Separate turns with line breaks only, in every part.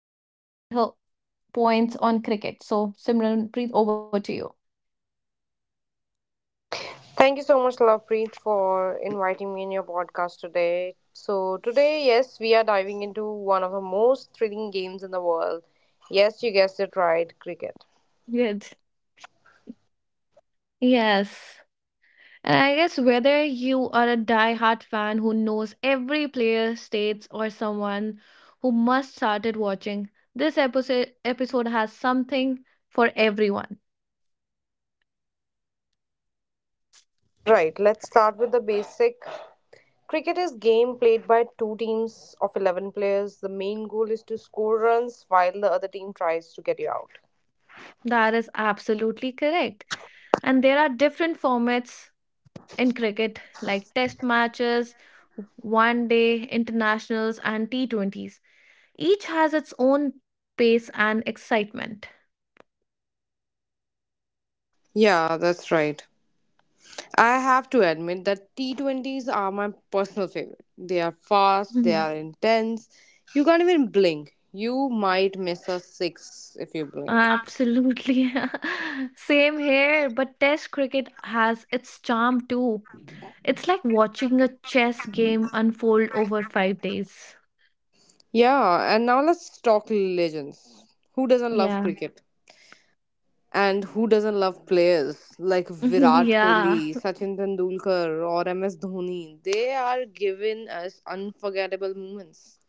Also add her points on cricket. So, Simran, breathe over to you.
Thank you so much, Lovepreet, for inviting me in your podcast today. So, today, yes, we are diving into one of the most thrilling games in the world. Yes, you guessed it right cricket.
Good. Yes. And I guess whether you are a die-hard fan who knows every player, states, or someone who must started watching, this episode has something for everyone.
Right, let's start with the basic. Cricket is game played by two teams of 11 players. The main goal is to score runs while the other team tries to get you out.
That is absolutely correct. And there are different formats in cricket, like test matches, 1 day internationals, and T20s. Each has its own pace and excitement.
Yeah, that's right. I have to admit that T20s are my personal favorite. They are fast, they
Mhm.
are intense. You can't even blink. You might miss a six if you blink.
Absolutely. Same here, but Test cricket has its charm too. It's like watching a chess game unfold over 5 days.
Yeah, and now let's talk legends. Who doesn't love
Yeah.
cricket? And who doesn't love players like Virat
Yeah.
Kohli, Sachin Tendulkar, or MS Dhoni? They are giving us unforgettable moments.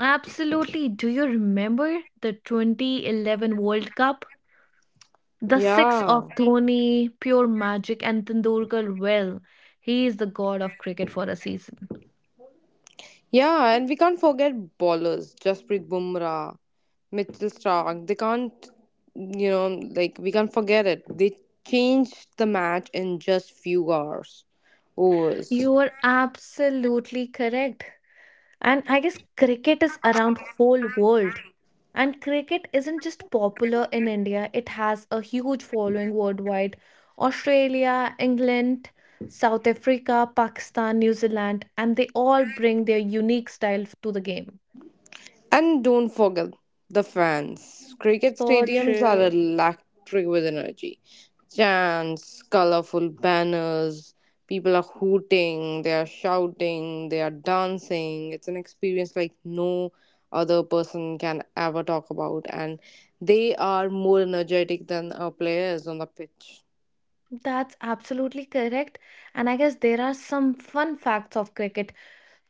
Absolutely. Do you remember the 2011 World Cup? The six
Yeah.
of Dhoni, pure magic, and Tendulkar. Well, he is the god of cricket for a season.
Yeah, and we can't forget bowlers, Jasprit Bumrah, Mitchell Stark. They can't, you know, like we can't forget it. They changed the match in just few hours, overs.
You are absolutely correct. And I guess cricket is around whole world. And cricket isn't just popular in India, it has a huge following worldwide. Australia, England, South Africa, Pakistan, New Zealand, and they all bring their unique style to the game.
And don't forget the fans. Cricket
So
stadiums are
true.
electric with energy. Chants, colorful banners, people are hooting, they are shouting, they are dancing. It's an experience like no other person can ever talk about, and they are more energetic than our players on the pitch.
That's absolutely correct. And I guess there are some fun facts of cricket.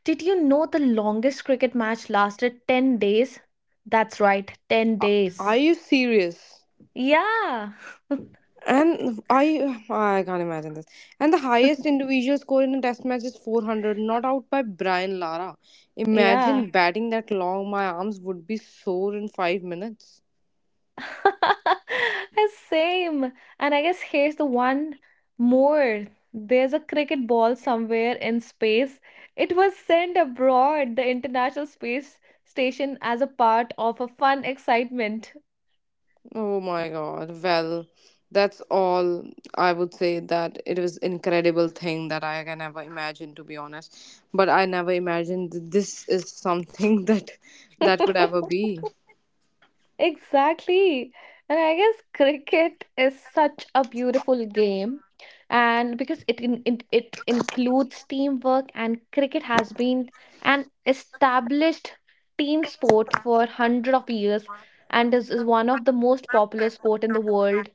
Did you know the longest cricket match lasted 10 days? That's right, 10
Are
days.
you serious?
Yeah,
And I can't imagine this. And the highest individual score in a test match is 400, not out by Brian Lara.
yeah.
Imagine batting that long, my arms would be sore in 5 minutes.
Same. And I guess here's the one more. There's a cricket ball somewhere in space. It was sent abroad the International Space Station as a part of a fun excitement.
Oh my god. Well, that's all I would say that it was incredible thing that I can ever imagine to be honest. But I never imagined this is something that could ever be.
Exactly. And I guess cricket is such a beautiful game. And because it, in, it it includes teamwork, and cricket has been an established team sport for hundred of years, and is one of the most popular sport in the world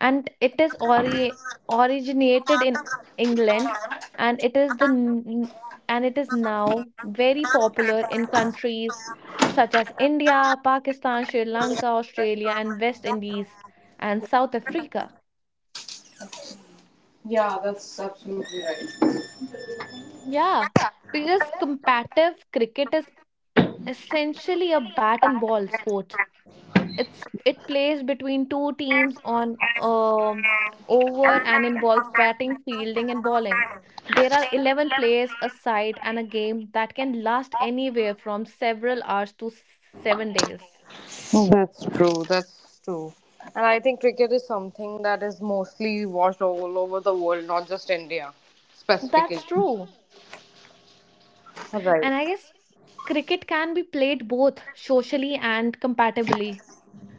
and it originated in England and it is the n- and it is now very popular in countries such as India, Pakistan, Sri Lanka, Australia and West Indies and South Africa.
Yeah, that's absolutely right.
Yeah, because competitive cricket is essentially a bat and ball sport. It plays between two teams on over and involves batting, fielding, and bowling. There are 11 players a side and a game that can last anywhere from several hours to 7 days.
That's true. That's true. And I think cricket is something that is mostly watched all over the world, not just India specifically.
That's true.
Right.
And I guess cricket can be played both socially and compatibly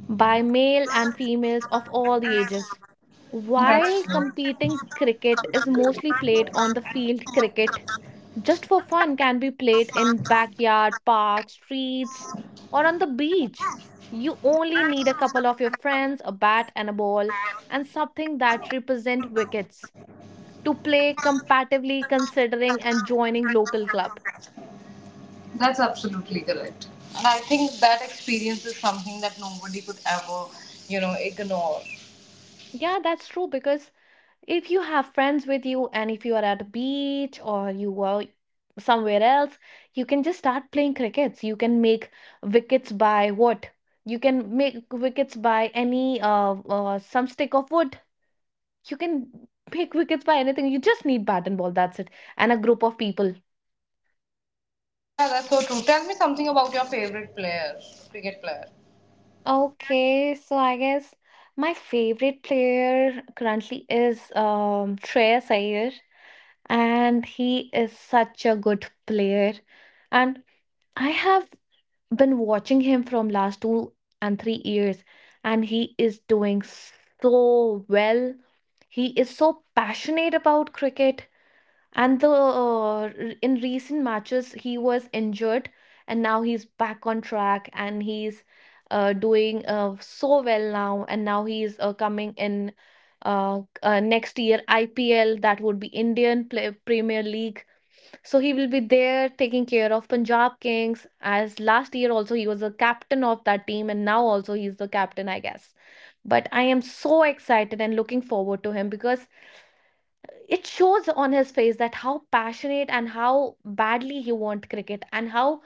by male and females of all the ages.
That's
While
true.
competing cricket is mostly played on the field, cricket just for fun can be played in backyard, parks, streets, or on the beach. You only need a couple of your friends, a bat and a ball, and something that represent wickets to play competitively considering and joining local club.
That's absolutely correct. And I think that experience is something that nobody could ever, ignore.
Yeah, that's true because if you have friends with you and if you are at a beach or you were somewhere else, you can just start playing crickets. You can make wickets by what, you can make wickets by any some stick of wood. You can make wickets by anything. You just need bat and ball, that's it, and a group of people.
Yeah, that's so true. Tell me something about your favorite player, cricket player.
Okay, so I guess my favorite player currently is Shreyas Iyer, and he is such a good player, and I have been watching him from last 2 and 3 years, and he is doing so well. He is so passionate about cricket, and the in recent matches he was injured, and now he's back on track, and he's doing so well now. And now he's coming in next year IPL, that would be Premier League, so he will be there taking care of Punjab Kings, as last year also he was the captain of that team, and now also he's the captain, I guess. But I am so excited and looking forward to him because it shows on his face that how passionate and how badly he wants cricket, and how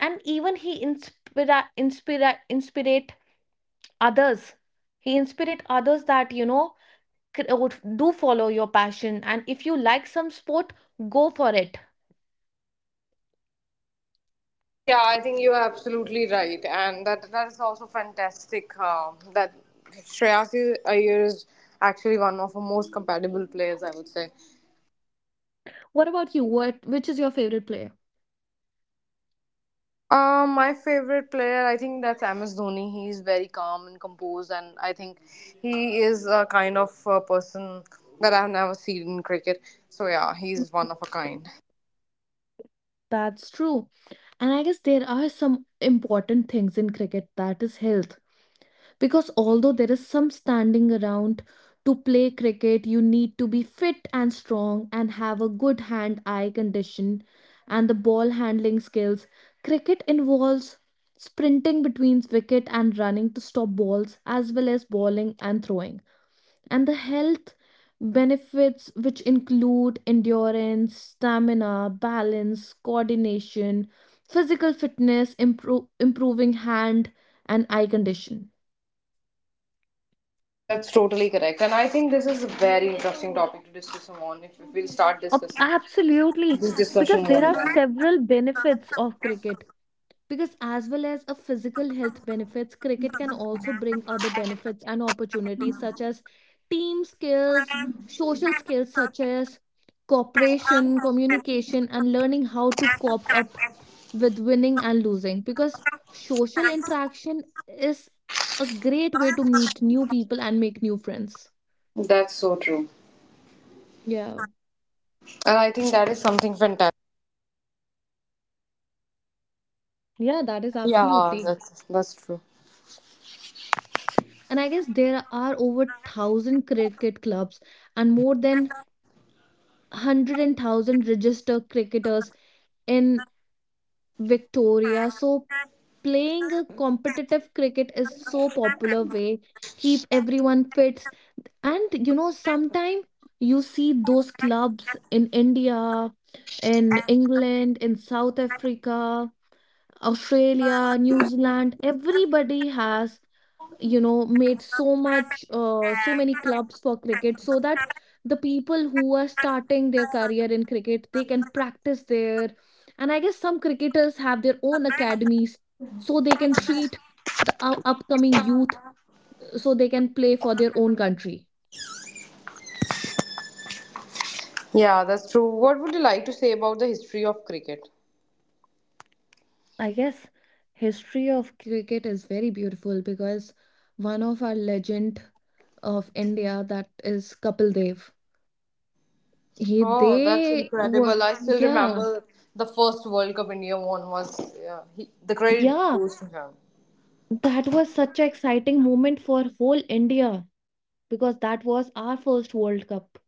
and even he inspirate others. He inspirate others that, you know, do follow your passion, and if you like some sport, go for it.
Yeah, I think you're absolutely right, and that is also fantastic. That Shreyas Iyer is actually one of the most compatible players, I would say.
What?
My favorite player, I think that's Amos Dhoni. He is very calm and composed, and I think he is a kind of a person that I've never seen in cricket. So yeah, he's one of a kind.
That's true. And I guess there are some important things in cricket, that is health. Because although there is some standing around to play cricket, you need to be fit and strong and have a good hand eye condition and the ball handling skills. Cricket involves sprinting between wicket and running to stop balls, as well as bowling and throwing, and the health benefits which include endurance, stamina, balance, coordination, physical fitness, improving hand and eye condition.
That's totally correct, and I think this is a very interesting topic to discuss on. If we'll start discussing
Absolutely,
this
because
discussion
there
won't
are
end.
several benefits of cricket. Because as well as a physical health benefits, cricket can also bring other benefits and opportunities such as team skills, social skills such as cooperation, communication, and learning how to cope up with winning and losing. Because social interaction is a great way to meet new people and make new friends.
That's so true.
Yeah,
And I think that is something fantastic.
yeah, that is
Yeah,
absolutely.
that's true.
And I guess there are over 1,000 cricket clubs and more than 100,000 registered cricketers in Victoria. So playing a competitive cricket is so popular way keep everyone fit. And you know, sometimes you see those clubs in India, in England, in South Africa, Australia, New Zealand. Everybody has, you know, made so much so many clubs for cricket so that the people who are starting their career in cricket, they can practice there. And I guess some cricketers have their own academies, so they can treat the upcoming youth, so they can play for their own country.
Yeah, that's true. What would you like to say about the history of cricket?
I guess history of cricket is very beautiful because one of our legend of India, that is Kapil Dev, he
Oh, that's
they were.
incredible. I still
Yeah.
remember the first World Cup India won was yeah, he, the credit
Yeah.
goes to him.
That was such an exciting moment for whole India, because that was our first World Cup,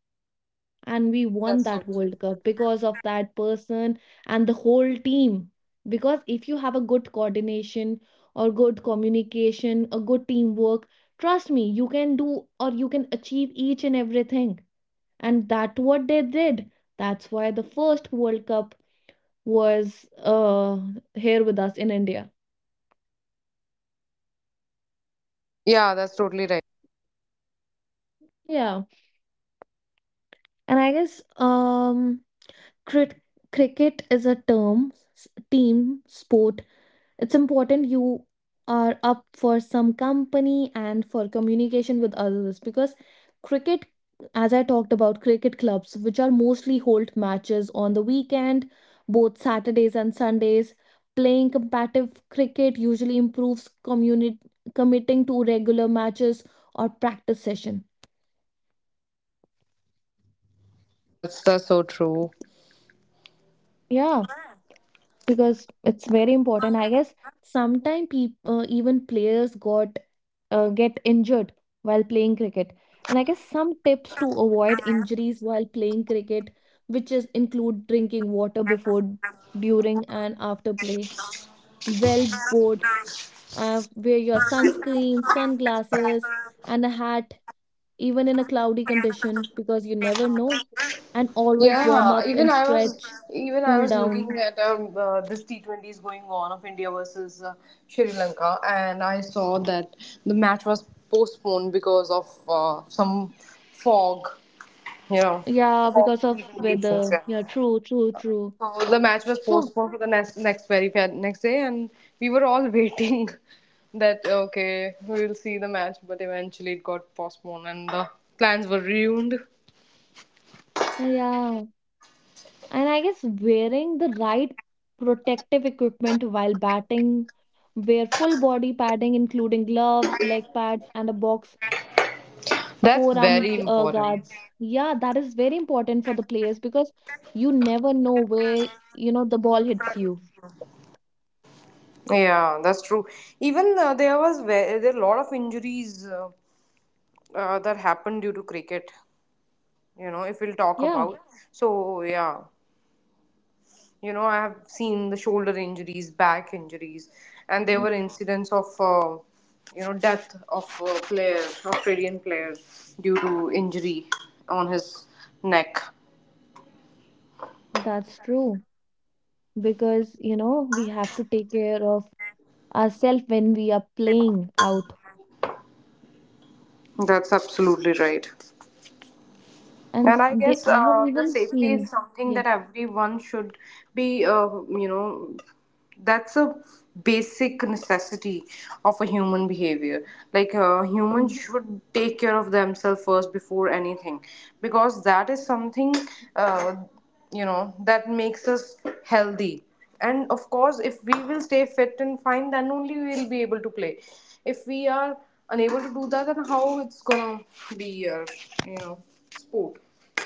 and we won
That's so
that
true.
World Cup because of that person and the whole team. Because if you have a good coordination or good communication, a good teamwork, trust me, you can do or you can achieve each and everything. And that's what they did. That's why the first World Cup was here with us in India.
Yeah, that's totally right.
Yeah. And I guess Crit- cricket is a term, team sport. It's important you are up for some company and for communication with others, because cricket, as I talked about, cricket clubs, which are mostly hold matches on the weekend, both Saturdays and Sundays. Playing competitive cricket usually improves community committing to regular matches or practice session.
That's so true.
Yeah. Because it's very important, I guess sometimes people even players got get injured while playing cricket. And I guess some tips to avoid injuries while playing cricket, which is include drinking water before, during and after play, well, board, wear your sunscreen, sunglasses, and a hat, even in a cloudy condition because you never know, and always warm
Yeah,
up and stretch,
even I
cool
was
down.
looking at this T20 is going on of India versus Sri Lanka, and I saw that the match was postponed because of some fog, you know,
Yeah,
fog
because of
conditions.
weather.
Yeah.
Yeah, true, true, true.
So the match was
So,
postponed for the next day, and we were all waiting that okay we'll see the match, but eventually it got postponed, and the plans were ruined.
yeah. And I guess wearing the right protective equipment while batting, wear full body padding, including gloves, leg pads, and a box,
That's very important.
guards. Yeah, that is very important for the players because you never know where, you know, the ball hits you.
Yeah, that's true. Even there was ve- There are a lot of injuries that happened due to cricket. You know, if we'll talk
Yeah.
about. So yeah, you know, I have seen the shoulder injuries, back injuries, and there
Mm.
were incidents of you know death of a player, Australian player, due to injury on his neck.
That's true. Because, you know, we have to take care of ourselves when we are playing out.
That's absolutely right.
And
And I guess
I have
the
even
safety
seen,
is something
yes,
that everyone should be, you know, that's a basic necessity of a human behavior. Like,
mm,
humans should take care of themselves first before anything, because that is something. Uh, you know that makes us healthy and of course if we will stay fit and fine then only we will be able to play if we are unable to do that then how it's gonna be your you know sport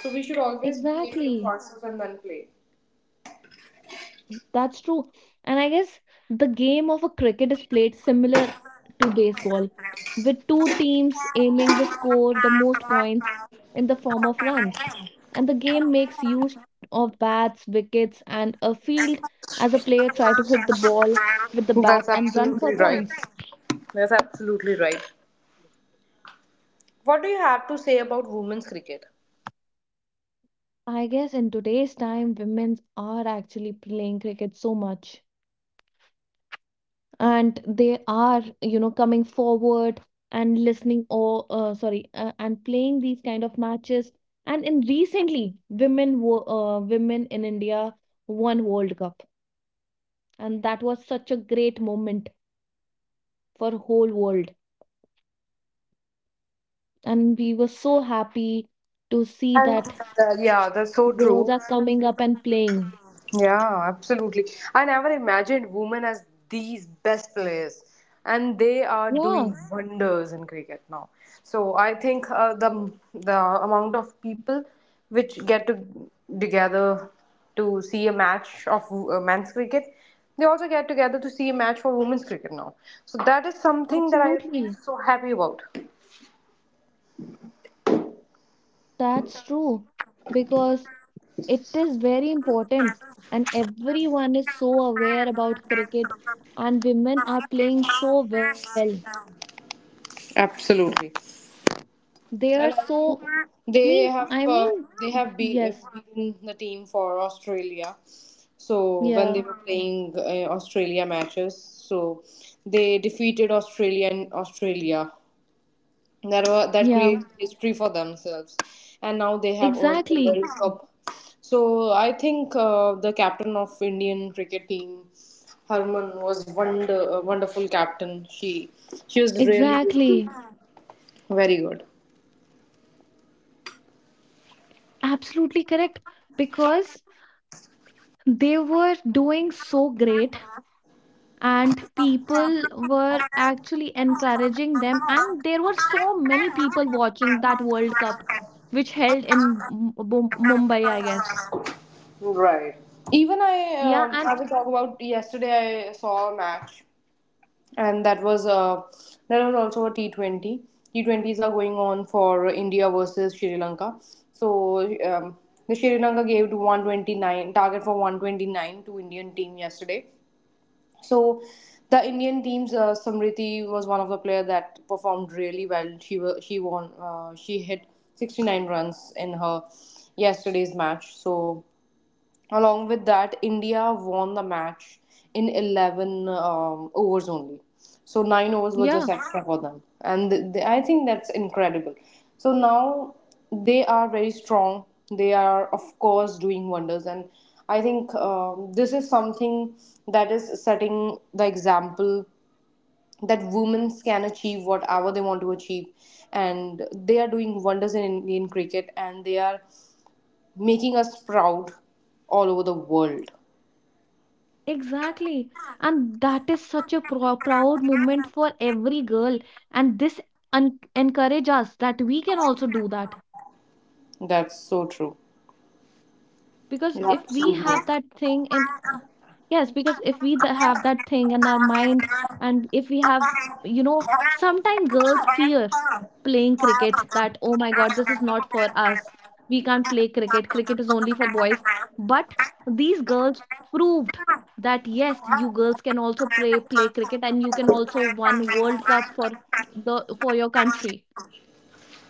so we should always take care
exactly.
of and then play.
That's true. And I guess the game of a cricket is played similar to baseball, with two teams aiming the score the most points in the form of runs. And the game makes use of bats, wickets, and a field as a player try to hit the ball with the
That's
bat and run for
absolutely right.
points.
That's absolutely right. What do you have to say about women's cricket
I guess in today's time, women are actually playing cricket so much. And they are, you know, coming forward and listening, or sorry, and playing these kind of matches. And in recently women in India won World Cup, and that was such a great moment for whole world, and we were so happy to see
and
that
yeah that's so
girls
true.
are coming up and playing.
Yeah, absolutely. I never imagined women as these best players, and they are
Yeah,
doing wonders in cricket now. So I think the amount of people which get to together to see a match of men's cricket, they also get together to see a match for women's cricket now. So that is something that I feel
absolutely.
so happy about.
That's true, because it is very important, and everyone is so aware about cricket, and women are playing so well.
Absolutely.
They are
And I think
so
they
mean,
have
I
uh,
mean,
they have
yes,
beaten the team for Australia. So when
yeah,
they were playing Australia matches, so they defeated Australia in Australia. That
yeah,
created history for themselves, and now they have earned the
exactly,
World Cup. So I think the captain of Indian cricket team, Harman, was a wonderful captain. She was really
exactly,
very good.
absolutely correct. Because they were doing so great, and people were actually encouraging them, and there were so many people watching that World Cup, which held in Mumbai, I guess.
Right. Even
Yeah, and
I will talk about yesterday I saw a match and that was also a T 20. T twenties are going on for India versus Sri Lanka. So the Sri Lanka gave to 129 to Indian team yesterday. So the Indian teams, Samriti was one of the player that performed really well. She won. She hit 69 runs in her yesterday's match. So along with that, India won the match in 11 overs only. So, 9 overs was just
yeah,
extra for them. And I think that's incredible. So, now they are very strong. They are, of course, doing wonders. And I think this is something that is setting the example that women can achieve whatever they want to achieve. And they are doing wonders in Indian cricket and they are making us proud all over the world.
exactly. And that is such a proud moment for every girl. And this un encourage us that we can also do that.
That's so true.
Because if
That's
we
true.
have that thing in yes, because if we have that thing in our mind, and if we have, you know, sometimes girls fear playing cricket, that oh my god, this is not for us, we can't play cricket, cricket is only for boys, but these girls proved that yes, you girls can also play cricket and you can also win world cup for the for your country.
Yeah.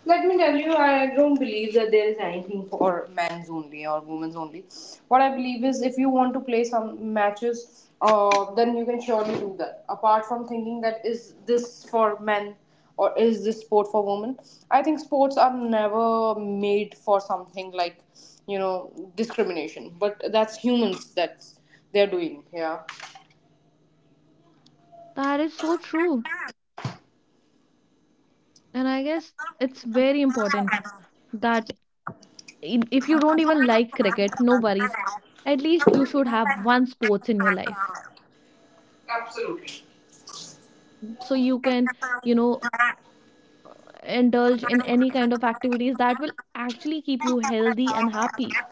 Let me tell you, I don't believe that there is anything for men's only or women's only. What I believe is, if you want to play some matches, then you can surely do that. Apart from thinking that is this for men or is this sport for women, I think sports are never made for something like you know discrimination. But that's humans that's they're doing. Yeah.
That is so true. And I guess it's very important that if you don't even like cricket, no worries, at least you should have one sports in your life so you can, you know, indulge in any kind of activities that will actually keep you healthy and happy.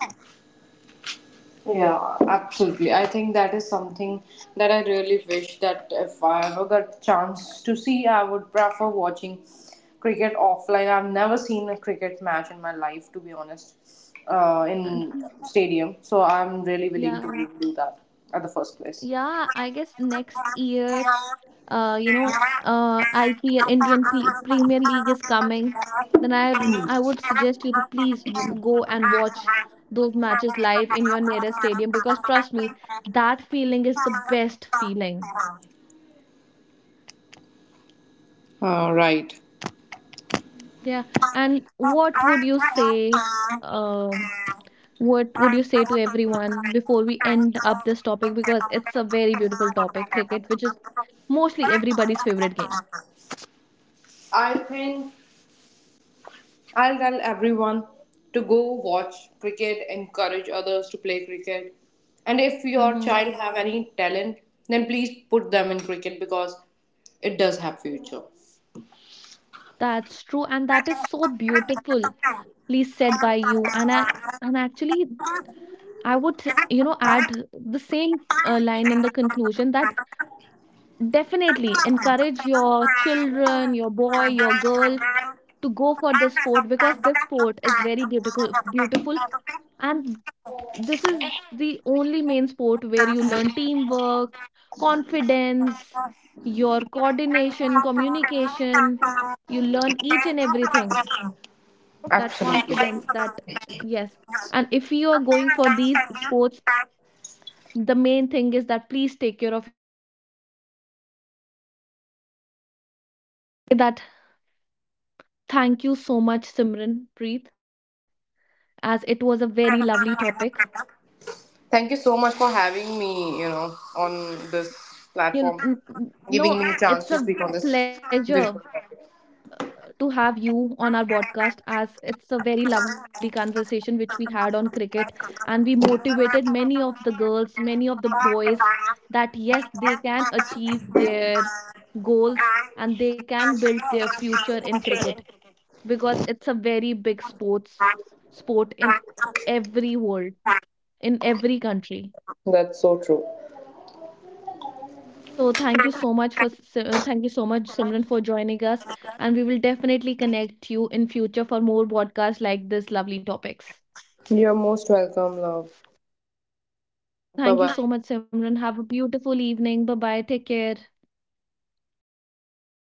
Yeah, absolutely. I think that is something that I really wish that if I ever got chance to see, I would prefer watching cricket offline. I've never seen a cricket match in my life, to be honest,
And-
in stadium. So I'm really willing
yeah,
to do that at the first place.
yeah, I guess next year, you know, I hear Indian Premier League is coming. Then I would suggest you to please go and watch those matches live in your nearest stadium, because trust me, that feeling is the best feeling.
Right.
Yeah. And what would you say, um, what would you say to everyone before we end up this topic? Because it's a very beautiful topic, cricket, which is mostly everybody's favorite game.
I think I'll tell everyone to go watch cricket, encourage others to play cricket. And if your
Mm-hmm.
child have any talent, then please put them in cricket because it does have future.
That's true. And that is so beautifully said by you. And I, and actually, I would, you know, add the same line in the conclusion that definitely encourage your children, your boy, your girl, to go for this sport because this sport is very beautiful, and this is the only main sport where you learn teamwork, confidence, your coordination, communication, you learn each and everything, that
Absolutely.
confidence. That, yes, and if you are going for these sports, the main thing is that please take care of. Thank you so much, Simran Preet, as it was a very lovely topic.
Thank you so much for having me, you know, on this platform,
You kn- n-
giving me a
know,
chance to speak
it's
on
a
this beautiful
pleasure
topic.
to have you on our podcast, as it's a very lovely conversation which we had on cricket, and we motivated many of the girls, many of the boys, that yes, they can achieve their goals and they can build their future in cricket, because it's a very big sports sport in every world, in every country.
That's so true.
So thank you so much for thank you so much, Simran, for joining us, and we will definitely connect you in future for more podcasts like this lovely topics.
You're most welcome, love. Bye
Thank you
bye.
so much, Simran. Have a beautiful evening. Bye bye. Take care.